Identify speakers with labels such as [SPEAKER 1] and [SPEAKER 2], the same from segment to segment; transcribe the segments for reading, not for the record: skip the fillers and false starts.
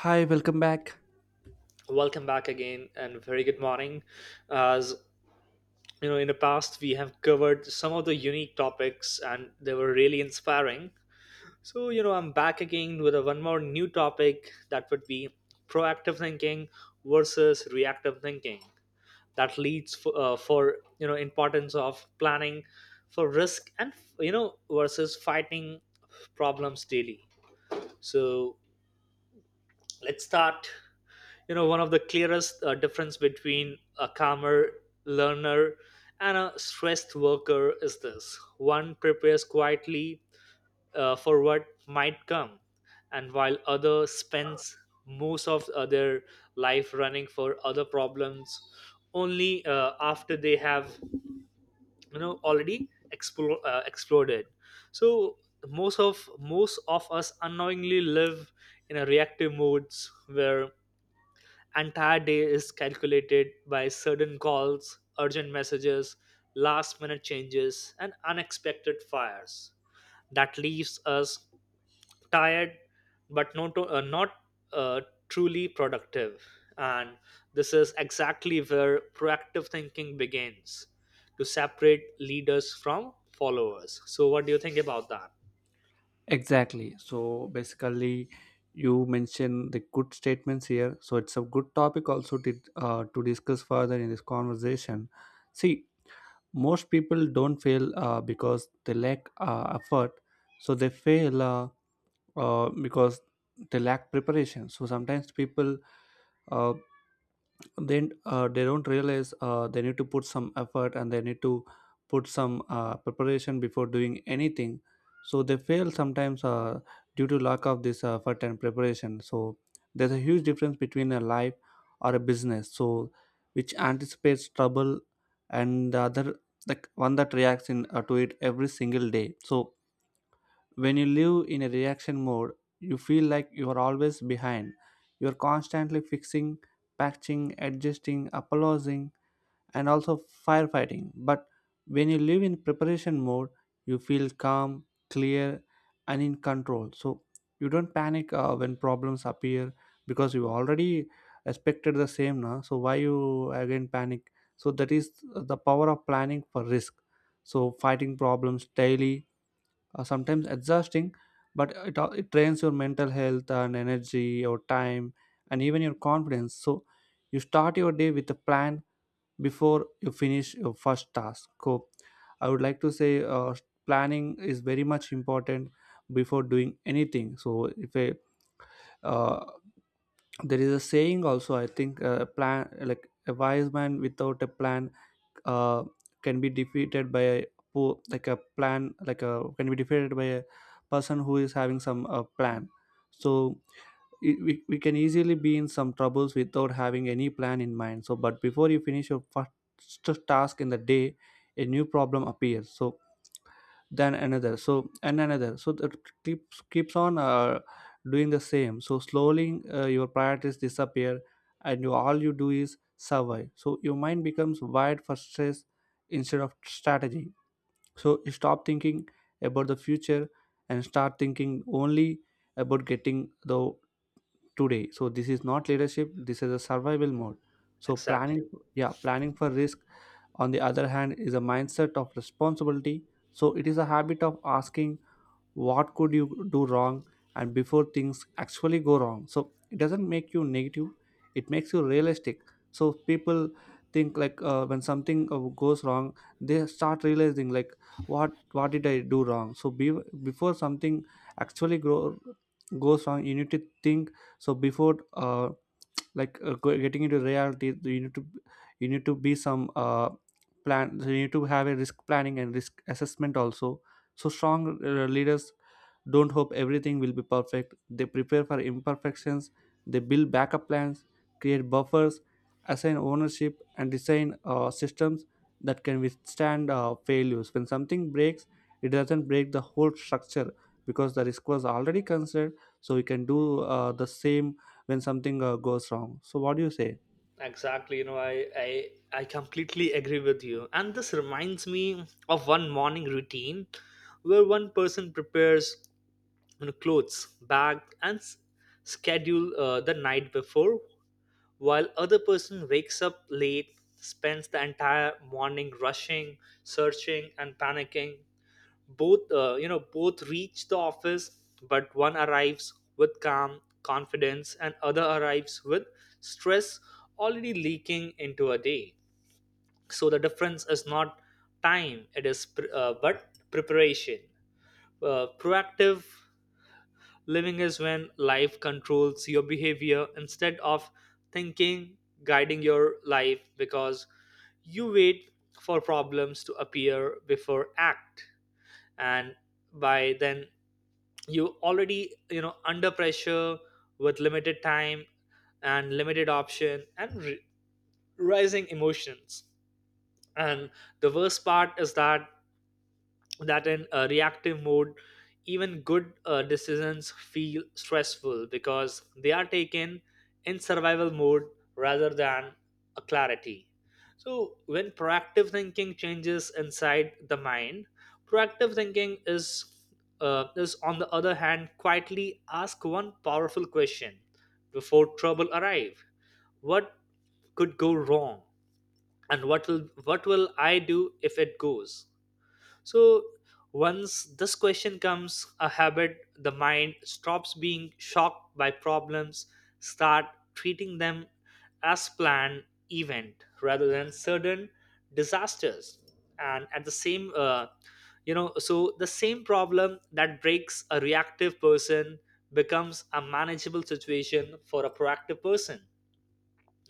[SPEAKER 1] Hi, welcome back.
[SPEAKER 2] Welcome back again and very good morning. As you know, in the past we have covered some of the unique topics and they were really inspiring. So I'm back again with a one more new topic that would be proactive thinking versus reactive thinking that leads for importance of planning for risk and versus fighting problems daily. So let's start. You know, one of the clearest difference between a calmer learner and a stressed worker is this: one prepares quietly for what might come, and while other spends most of their life running for other problems only after they have already exploded. So most of us unknowingly live in a reactive modes where entire day is calculated by sudden calls, urgent messages, last minute changes, and unexpected fires. That leaves us tired but not uh, truly productive. And this is exactly where proactive thinking begins to separate leaders from followers. So, what do you think about that?
[SPEAKER 1] Exactly. So basically, you mentioned the good statements here. So it's a good topic also to discuss further in this conversation. See, most people don't fail because they lack effort. So they fail because they lack preparation. So sometimes people uh, then they don't realize they need to put some effort, and they need to put some preparation before doing anything, so they fail sometimes due to lack of this effort and preparation. So there's a huge difference between a life or a business, which anticipates trouble, and the other, the one that reacts in to it every single day. So when you live in a reaction mode, you feel like you are always behind. You are constantly fixing, patching, adjusting, apologizing, and also firefighting. But when you live in preparation mode, you feel calm, clear, and in control. So you don't panic when problems appear, because you already expected the same. Na? So why you again panic? So that is the power of planning for risk. So fighting problems daily sometimes exhausting, but it trains your mental health and energy, your time, and even your confidence. So you start your day with a plan before you finish your first task. So I would like to say planning is very much important before doing anything. So if a uh, there is a saying also, I think, plan like a wise man. Without a plan uh, can be defeated by a po- like a plan like a can be defeated by a person who is having some plan. So we can easily be in some troubles without having any plan in mind. So but before you finish your first task in the day, a new problem appears. So then another, so and another, so that keeps on doing the same. So slowly your priorities disappear, and all you do is survive. So your mind becomes wired for stress instead of strategy. So you stop thinking about the future and start thinking only about getting the today. So this is not leadership, this is a survival mode. So planning.
[SPEAKER 2] Exactly.
[SPEAKER 1] Yeah, planning for risk, on the other hand, is a mindset of responsibility. So it is a habit of asking what could you do wrong, and before things actually go wrong. So it doesn't make you negative, it makes you realistic. So people think like, when something goes wrong, they start realizing, like, what did I do wrong. So before something actually goes wrong, you need to think. So before, getting into reality, you need to, be some plan. So you need to have a risk planning and risk assessment also. So strong leaders don't hope everything will be perfect. They prepare for imperfections, they build backup plans, create buffers, assign ownership, and design systems that can withstand failures. When something breaks, it doesn't break the whole structure, because the risk was already considered. So we can do the same when something goes wrong. So, what do you say?
[SPEAKER 2] Exactly, I, I completely agree with you. And this reminds me of one morning routine where one person prepares, clothes, bag, and schedule the night before, while other person wakes up late, spends the entire morning rushing, searching, and panicking. Both both reach the office, but one arrives with calm confidence and other arrives with stress already leaking into a day. So the difference is not time, it is but preparation. Proactive living is when life controls your behavior instead of thinking guiding your life, because you wait for problems to appear before act, and by then you already under pressure with limited time and limited option and rising emotions. And the worst part is that in a reactive mode, even good decisions feel stressful because they are taken in survival mode rather than a clarity. So when proactive thinking changes inside the mind, proactive thinking is on the other hand quietly ask one powerful question before trouble arrive: what could go wrong and what will I do if it goes. So once this question comes a habit, the mind stops being shocked by problems, start treating them as planned event rather than sudden disasters. And at the same so the same problem that breaks a reactive person becomes a manageable situation for a proactive person.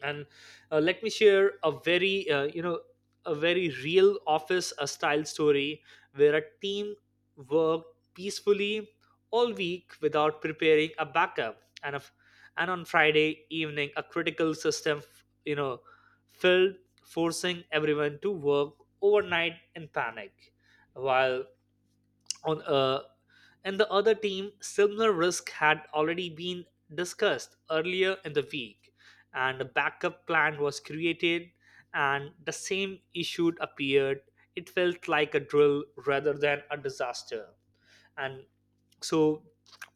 [SPEAKER 2] And let me share a very a very real office style story where a team worked peacefully all week without preparing a backup, and on Friday evening a critical system you know failed, forcing everyone to work overnight in panic, while on and the other team similar risk had already been discussed earlier in the week and a backup plan was created, and the same issue appeared. It felt like a drill rather than a disaster. And so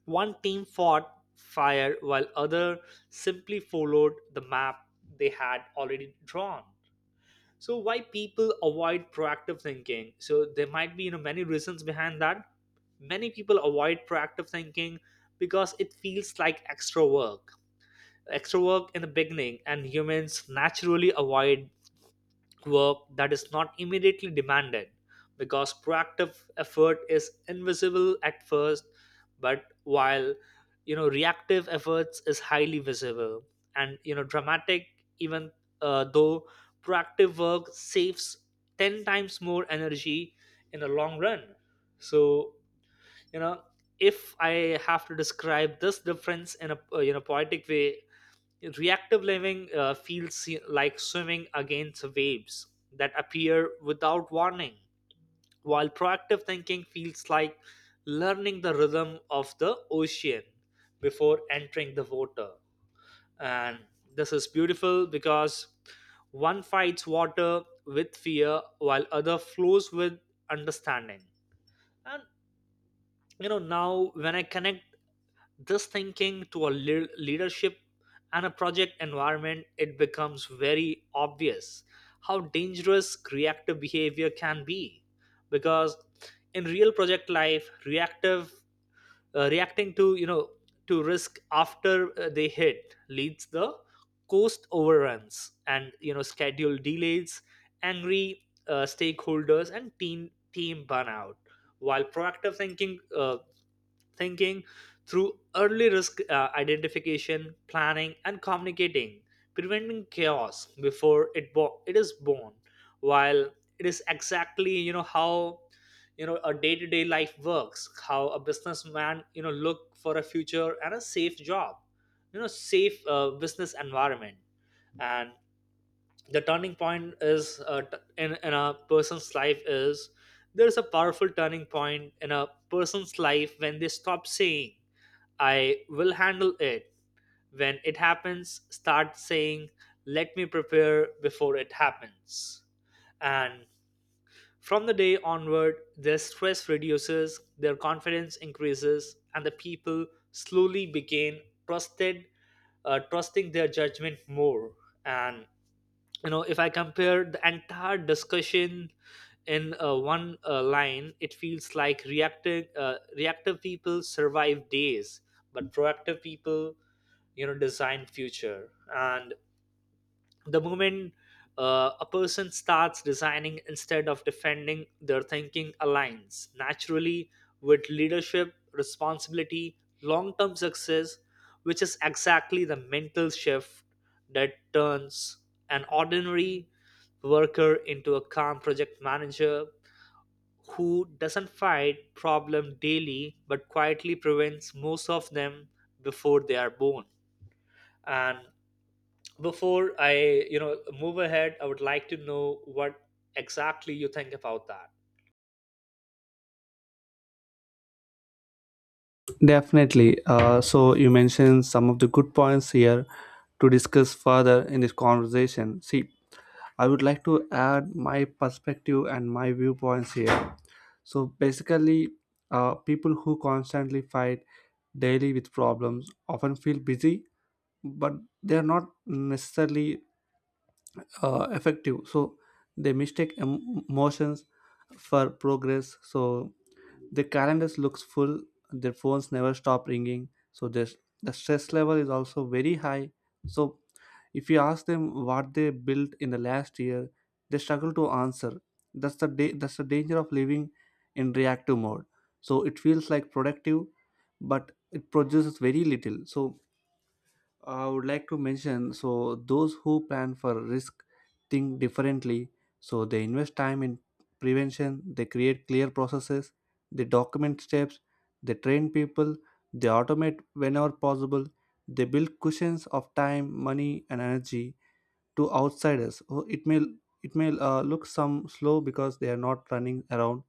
[SPEAKER 2] one team fought fire while other simply followed the map they had already drawn. So why people avoid proactive thinking? So there might be many reasons behind that. Many people avoid proactive thinking because it feels like extra work, extra work in the beginning, and humans naturally avoid work that is not immediately demanded, because proactive effort is invisible at first, but while reactive efforts is highly visible and dramatic, even though proactive work saves 10 times more energy in the long run. So you know if I have to describe this difference in a poetic way, reactive living feels like swimming against waves that appear without warning, while proactive thinking feels like learning the rhythm of the ocean before entering the water. And this is beautiful because one fights water with fear while other flows with understanding. And, now when I connect this thinking to a leadership and a project environment, it becomes very obvious how dangerous reactive behavior can be, because in real project life reactive reacting to to risk after they hit leads the cost overruns and schedule delays, angry stakeholders and team burnout, while proactive thinking thinking through early risk identification, planning, and communicating, preventing chaos before it is born. While it is exactly how a day-to-day life works, how a businessman look for a future and a safe job, safe business environment. And the turning point is in a person's life is there's a powerful turning point in a person's life when they stop saying I will handle it when it happens, start saying let me prepare before it happens. And from the day onward, their stress reduces, their confidence increases, and the people slowly begin trusted trusting their judgment more. And if I compare the entire discussion in one line, it feels like reactive people survive days but proactive people design future. And the moment a person starts designing instead of defending, their thinking aligns naturally with leadership responsibility long-term success, which is exactly the mental shift that turns an ordinary worker into a calm project manager who doesn't fight problem daily but quietly prevents most of them before they are born. And before I, move ahead, I would like to know what exactly you think about that.
[SPEAKER 1] Definitely. So, you mentioned some of the good points here to discuss further in this conversation. See, I would like to add my perspective and my viewpoints here. So basically, people who constantly fight daily with problems often feel busy, but they are not necessarily effective. So they mistake emotions for progress. So their calendars looks full. Their phones never stop ringing. So the stress level is also very high. So if you ask them what they built in the last year, they struggle to answer. That's the danger of living in reactive mode. So it feels like productive, but it produces very little. So I would like to mention, so those who plan for risk think differently. So they invest time in prevention, they create clear processes, they document steps, they train people, they automate whenever possible, they build cushions of time, money, and energy to outsiders. Oh, it may look some slow because they are not running around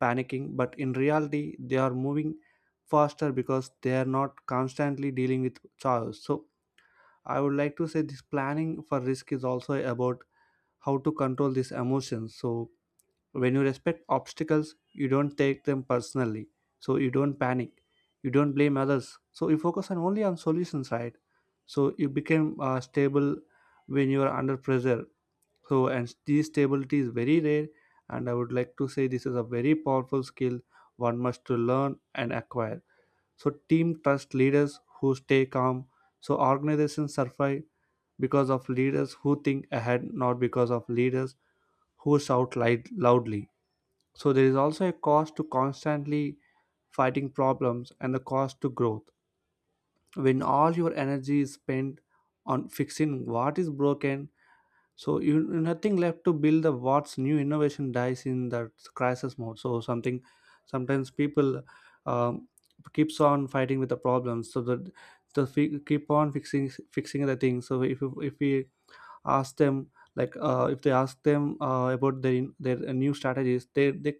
[SPEAKER 1] panicking, but in reality they are moving faster because they are not constantly dealing with chaos. So I would like to say, this planning for risk is also about how to control these emotions. So when you respect obstacles, you don't take them personally. So you don't panic. You don't blame others. So you focus on only on solutions, right? So you become stable when you are under pressure. So and this stability is very rare, and I would like to say this is a very powerful skill one must to learn and acquire. So team trust leaders who stay calm. So organizations survive because of leaders who think ahead, not because of leaders who shout light, loudly. So there is also a cost to constantly fighting problems, and the cost to growth. When all your energy is spent on fixing what is broken, so you nothing left to build the what's new. Innovation dies in that crisis mode. So something sometimes people um, keeps on fighting with the problems. So that the keep on fixing the thing. So if we ask them, like, if they ask them about their new strategies, they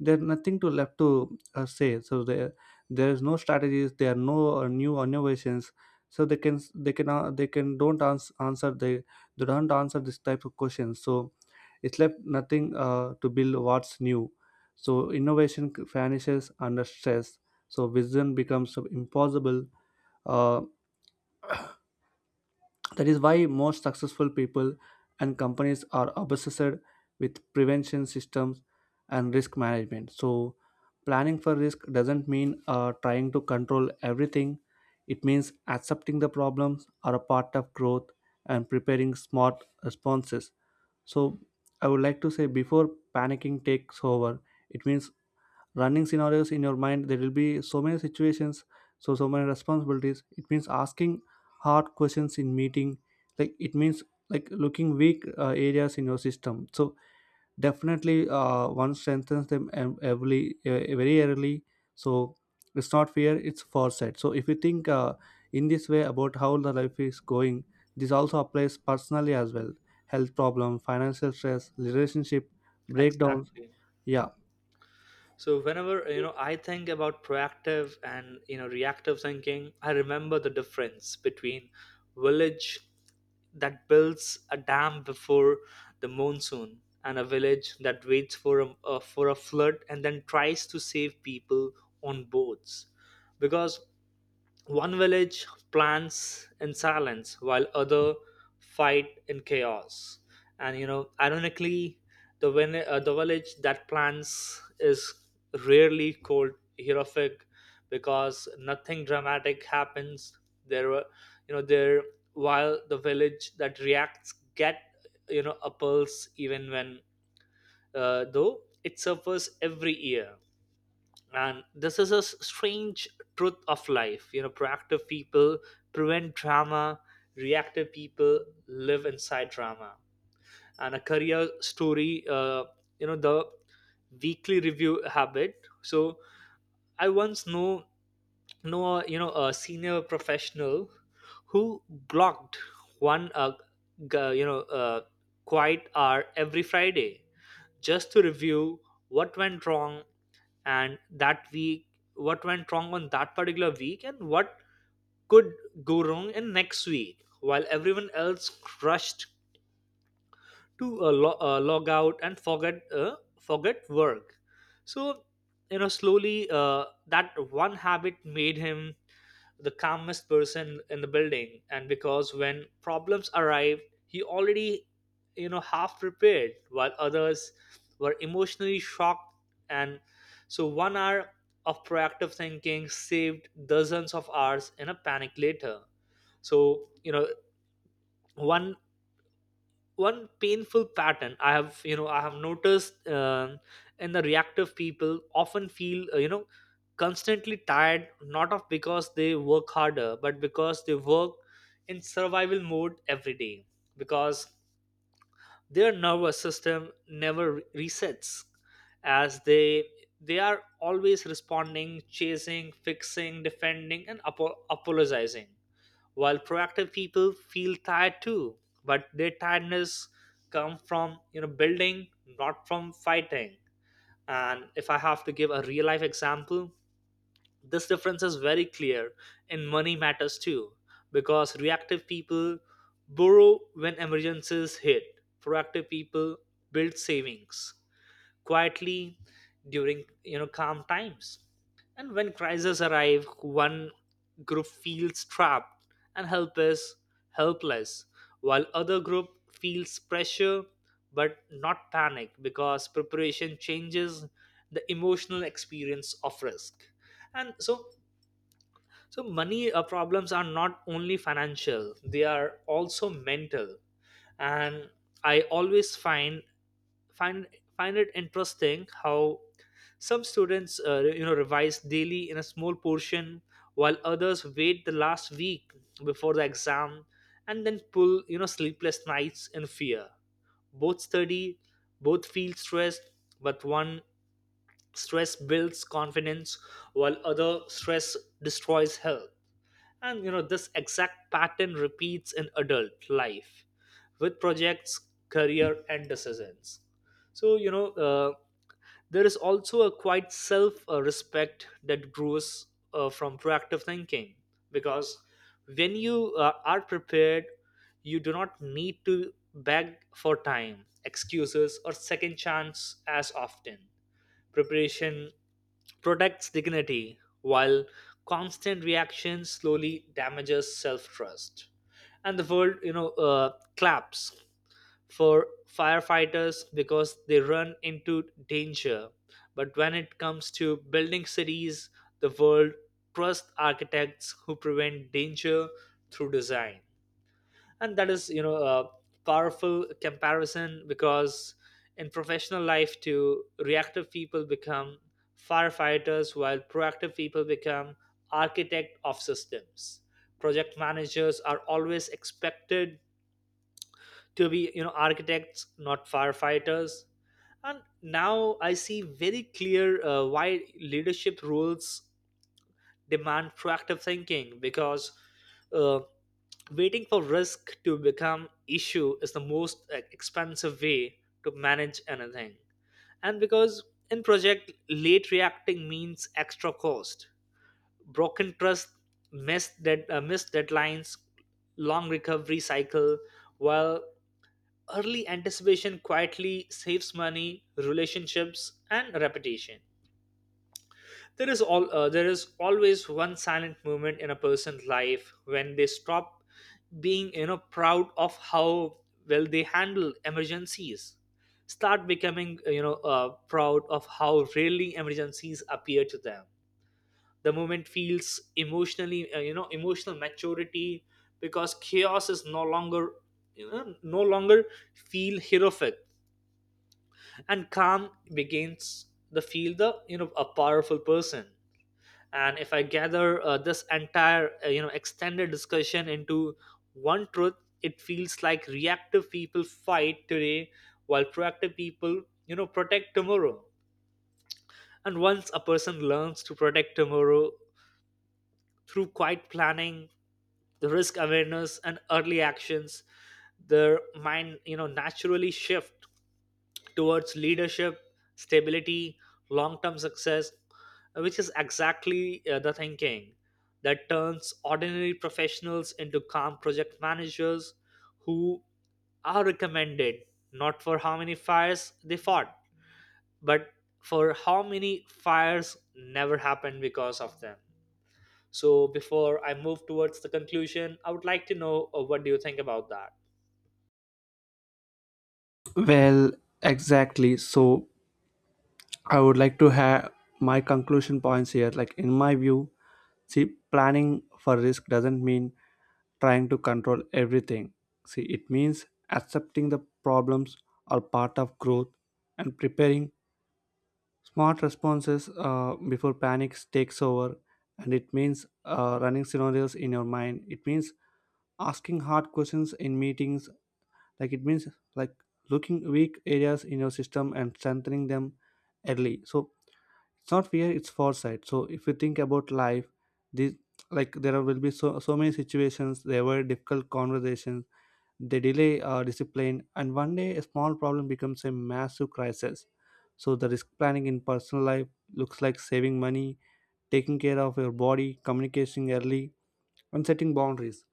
[SPEAKER 1] there's nothing to left to say. So there is no strategies, there are no new innovations. So they can don't answer, they don't answer this type of questions. So it's left nothing to build what's new. So innovation vanishes under stress, so vision becomes impossible. Uh, that is why most successful people and companies are obsessed with prevention systems and risk management. So, planning for risk doesn't mean trying to control everything, it means accepting the problems are a part of growth and preparing smart responses. So, I would like to say, before panicking takes over, it means running scenarios in your mind. There will be so many situations, so many responsibilities. It means asking hard questions in meeting, like, it means, like, looking weak areas in your system. So definitely one strengthens them, ev- every very early. So it's not fear, it's foresight. So if you think, in this way about how the life is going, this also applies personally as well: health problem, financial stress, relationship breakdowns.
[SPEAKER 2] Exactly.
[SPEAKER 1] Yeah.
[SPEAKER 2] So whenever, I think about proactive and, reactive thinking, I remember the difference between village that builds a dam before the monsoon and a village that waits for a, flood and then tries to save people on boats, because one village plans in silence while other fight in chaos. And, ironically, the the village that plans is rarely called heroic because nothing dramatic happens. There, were- you know, there while the village that reacts get a pulse even when though it suffers every year. And this is a strange truth of life. You know, proactive people prevent drama, reactive people live inside drama. And a career story the weekly review habit. So I once know a, a senior professional who blocked one g- you know uh, quiet hour every Friday just to review what went wrong and that week, what went wrong on that particular week and what could go wrong in next week, while everyone else crushed to log out and forget work. So slowly that one habit made him the calmest person in the building, and because when problems arrived he already half prepared while others were emotionally shocked. And so 1 hour of proactive thinking saved dozens of hours in a panic later. So one one painful pattern I have I have noticed in the reactive people often feel constantly tired, not of because they work harder but because they work in survival mode every day, because their nervous system never resets as they are always responding, chasing, fixing, defending, and apologizing, while proactive people feel tired too, but their tiredness come from building, not from fighting. And if I have to give a real life example, this difference is very clear in money matters too, because reactive people borrow when emergencies hit, proactive people build savings quietly during calm times, and when crises arrive one group feels trapped and helpless while other group feels pressure but not panic, because preparation changes the emotional experience of risk. And so so money problems are not only financial, they are also mental. And I always find find it interesting how some students revise daily in a small portion while others wait the last week before the exam and then pull sleepless nights in fear. Both study, both feel stressed, but one stress builds confidence while other stress destroys health. And, this exact pattern repeats in adult life with projects, career, and decisions. So, there is also a quite self respect that grows from proactive thinking, because when you are prepared, you do not need to beg for time, excuses, or second chance as often. Preparation protects dignity, while constant reaction slowly damages self-trust. And the world, claps for firefighters because they run into danger. But when it comes to building cities, the world trusts architects who prevent danger through design, and that is a powerful comparison, because in professional life too, reactive people become firefighters while proactive people become architect of systems. Project managers are always expected to be, architects, not firefighters. And now I see very clear why leadership roles demand proactive thinking, because uh, waiting for risk to become issue is the most expensive way to manage anything. And because in project, late reacting means extra cost, broken trust, missed deadlines, long recovery cycle, while early anticipation quietly saves money, relationships and reputation. There is always one silent moment in a person's life when they stop being, proud of how well they handle emergencies, start becoming, proud of how rarely emergencies appear to them. The moment feels emotionally, emotional maturity, because chaos is no longer, you know no longer feel heroic, and calm begins to feel the, a powerful person. And if I gather this entire, extended discussion into one truth, it feels like reactive people fight today, while proactive people, protect tomorrow. And once a person learns to protect tomorrow through quiet planning, the risk awareness, and early actions, their mind, naturally shift towards leadership, stability, long-term success, which is exactly the thinking that turns ordinary professionals into calm project managers who are recommended not for how many fires they fought, but for how many fires never happened because of them. So before I move towards the conclusion, I would like to know, what do you think about that?
[SPEAKER 1] Well, exactly. So I would like to have my conclusion points here. Like in my view, see, planning for risk doesn't mean trying to control everything. See, it means accepting the problems are part of growth and preparing smart responses before panic takes over. And it means running scenarios in your mind. It means asking hard questions in meetings, like, it means, like, looking weak areas in your system, and strengthening them early. So it's not fear, it's foresight. So if you think about life, these, like, there will be so many situations. There were difficult conversations, they delay discipline, and one day a small problem becomes a massive crisis. So the risk planning in personal life looks like saving money, taking care of your body, communicating early, and setting boundaries.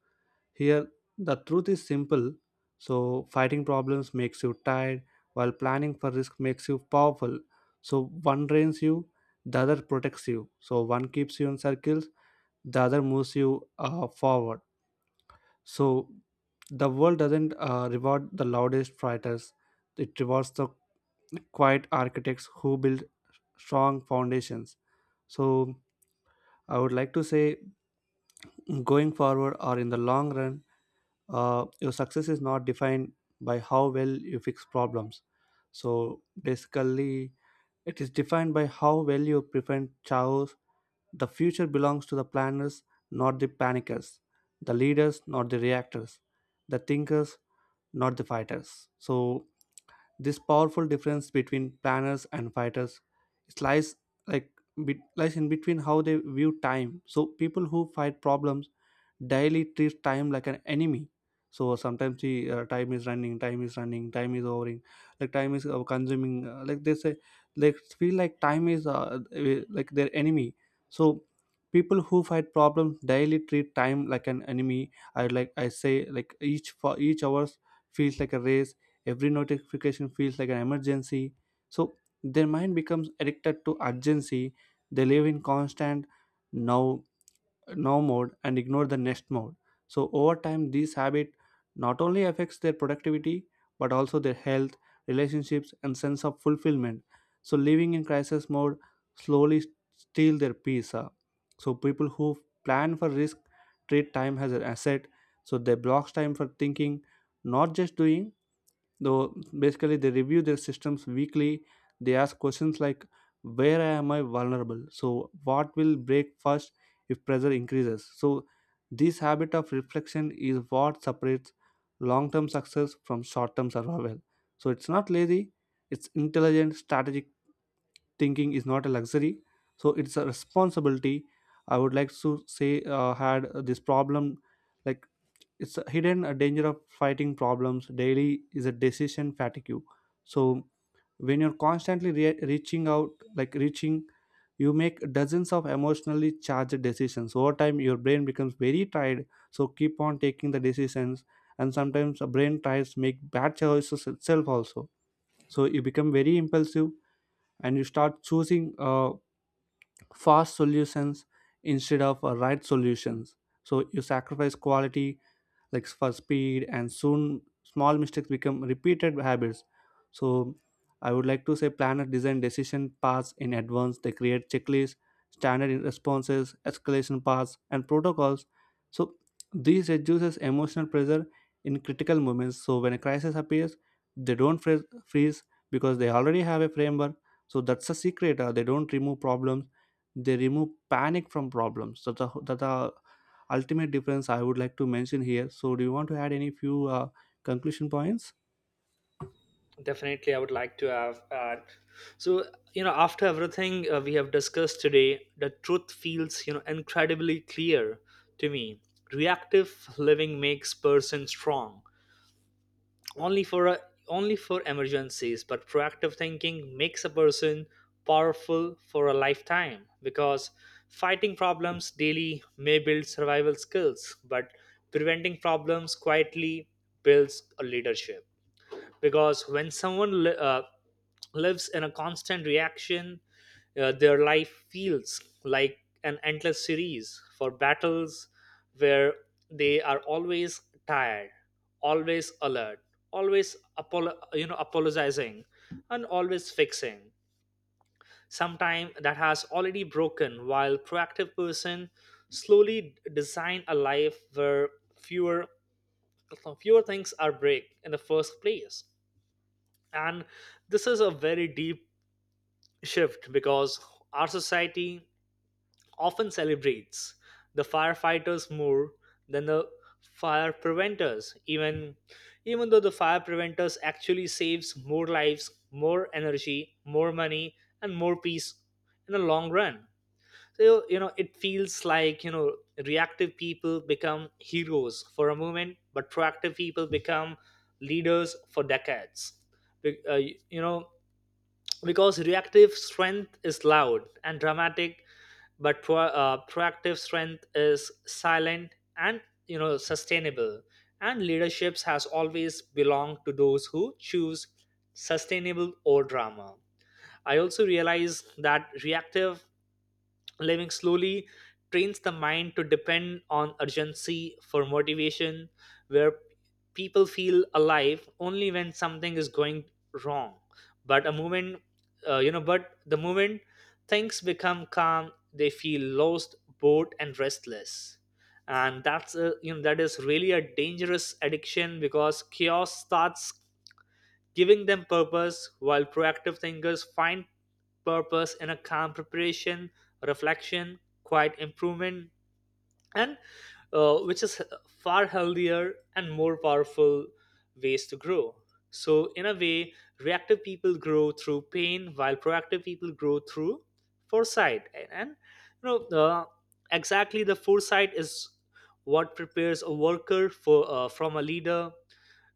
[SPEAKER 1] Here, the truth is simple. So, fighting problems makes you tired, while planning for risk makes you powerful. So, one drains you, the other protects you. So, one keeps you in circles, the other moves you forward. So, the world doesn't reward the loudest fighters, it rewards the quiet architects who build strong foundations. So, I would like to say, going forward or in the long run, your success is not defined by how well you fix problems, so basically it is defined by how well you prevent chaos. The future belongs to the planners, not the panickers; the leaders, not the reactors; the thinkers, not the fighters. So this powerful difference between planners and fighters, it lies, like lies in between how they view time. So people who fight problems daily treat time like an enemy. So sometimes the time is running, time is running, time is overing, like time is consuming. Like they say, they feel like time is like their enemy. So people who fight problems daily treat time like an enemy. I like I say like each for each hours feels like a race. Every notification feels like an emergency. So their mind becomes addicted to urgency. They live in constant now now mode and ignore the next mode. So over time, this habit not only affects their productivity, but also their health, relationships, and sense of fulfillment. So living in crisis mode slowly steal their peace. So people who plan for risk treat time as an asset. So they block time for thinking, not just doing. Though basically they review their systems weekly, they ask questions like, where am I vulnerable, so what will break first if pressure increases. So this habit of reflection is what separates long-term success from short-term survival. So it's not lazy, it's intelligent. Strategic thinking is not a luxury, so it's a responsibility. I would like to say, had this problem like it's a hidden, a danger of fighting problems daily is a decision fatigue. So when you're constantly reaching out, like reaching you make dozens of emotionally charged decisions. Over time your brain becomes very tired, so keep on taking the decisions, and sometimes a brain tries to make bad choices itself also. So you become very impulsive, and you start choosing fast solutions instead of right solutions. So you sacrifice quality, like, for speed, and soon small mistakes become repeated habits. So I would like to say, planner design decision paths in advance. They create checklists, standard responses, escalation paths, and protocols. So this reduces emotional pressure in critical moments. So when a crisis appears, they don't freeze, because they already have a framework. So that's the secret, they don't remove problems, they remove panic from problems. So that the ultimate difference I would like to mention here. So, do you want to add any few conclusion points?
[SPEAKER 2] Definitely, I would like to have. So, after everything we have discussed today, the truth feels, incredibly clear to me. Reactive living makes person strong only for a, only for emergencies, but proactive thinking makes a person powerful for a lifetime, because fighting problems daily may build survival skills, but preventing problems quietly builds a leadership. Because when lives in a constant reaction, their life feels like an endless series for battles, where they are always tired, always alert, apologizing, and always fixing sometime that has already broken, while proactive person slowly design a life where fewer fewer things are break in the first place. And this is a very deep shift, because our society often celebrates the firefighters more than the fire preventers, even though the fire preventers actually saves more lives, more energy, more money and more peace in the long run. So, it feels like, reactive people become heroes for a moment, but proactive people become leaders for decades. Be- uh, you know because reactive strength is loud and dramatic, but proactive strength is silent and, sustainable. And leaderships has always belonged to those who choose sustainable or drama. I also realize that reactive living slowly trains the mind to depend on urgency for motivation, where people feel alive only when something is going wrong. But a moment you know but the moment things become calm, they feel lost, bored and restless. And that's that is really a dangerous addiction, because chaos starts giving them purpose, while proactive thinkers find purpose in a calm preparation, reflection, quiet improvement, and, which is far healthier and more powerful ways to grow. So, in a way, reactive people grow through pain, while proactive people grow through foresight. You know, uh, exactly, the foresight is what prepares a worker for, from a leader,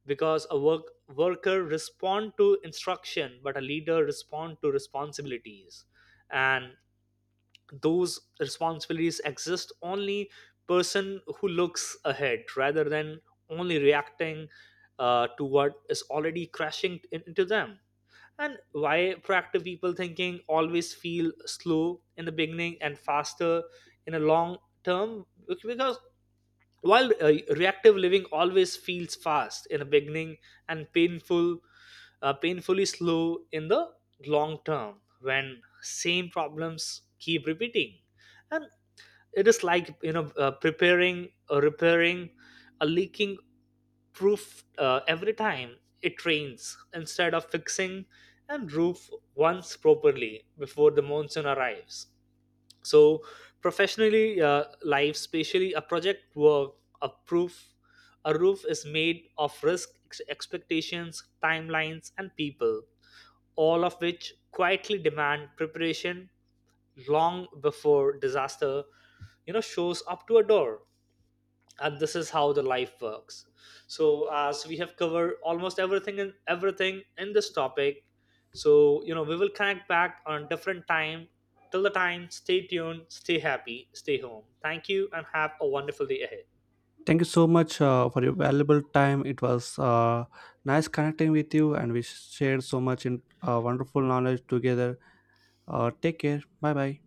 [SPEAKER 2] because a worker respond to instruction, but a leader respond to responsibilities. And those responsibilities exist only person who looks ahead rather than only reacting to what is already crashing into them. And why proactive people thinking always feel slow in the beginning and faster in a long term. Because while reactive living always feels fast in the beginning and painful, painfully slow in the long term when same problems keep repeating. And it is like, preparing or repairing a leaking roof every time it rains, instead of fixing and roof once properly before the monsoon arrives. So professionally, life, especially a project work, a proof a roof is made of risk, expectations, timelines and people, all of which quietly demand preparation long before disaster, shows up to a door. And this is how the life works. So as we have covered almost everything and everything in this topic, so, we will connect back on different time. Till the time, stay tuned, stay happy, stay home. Thank you and have a wonderful day ahead.
[SPEAKER 1] Thank you so much for your valuable time. It was nice connecting with you, and we shared so much in wonderful knowledge together. Take care. Bye bye.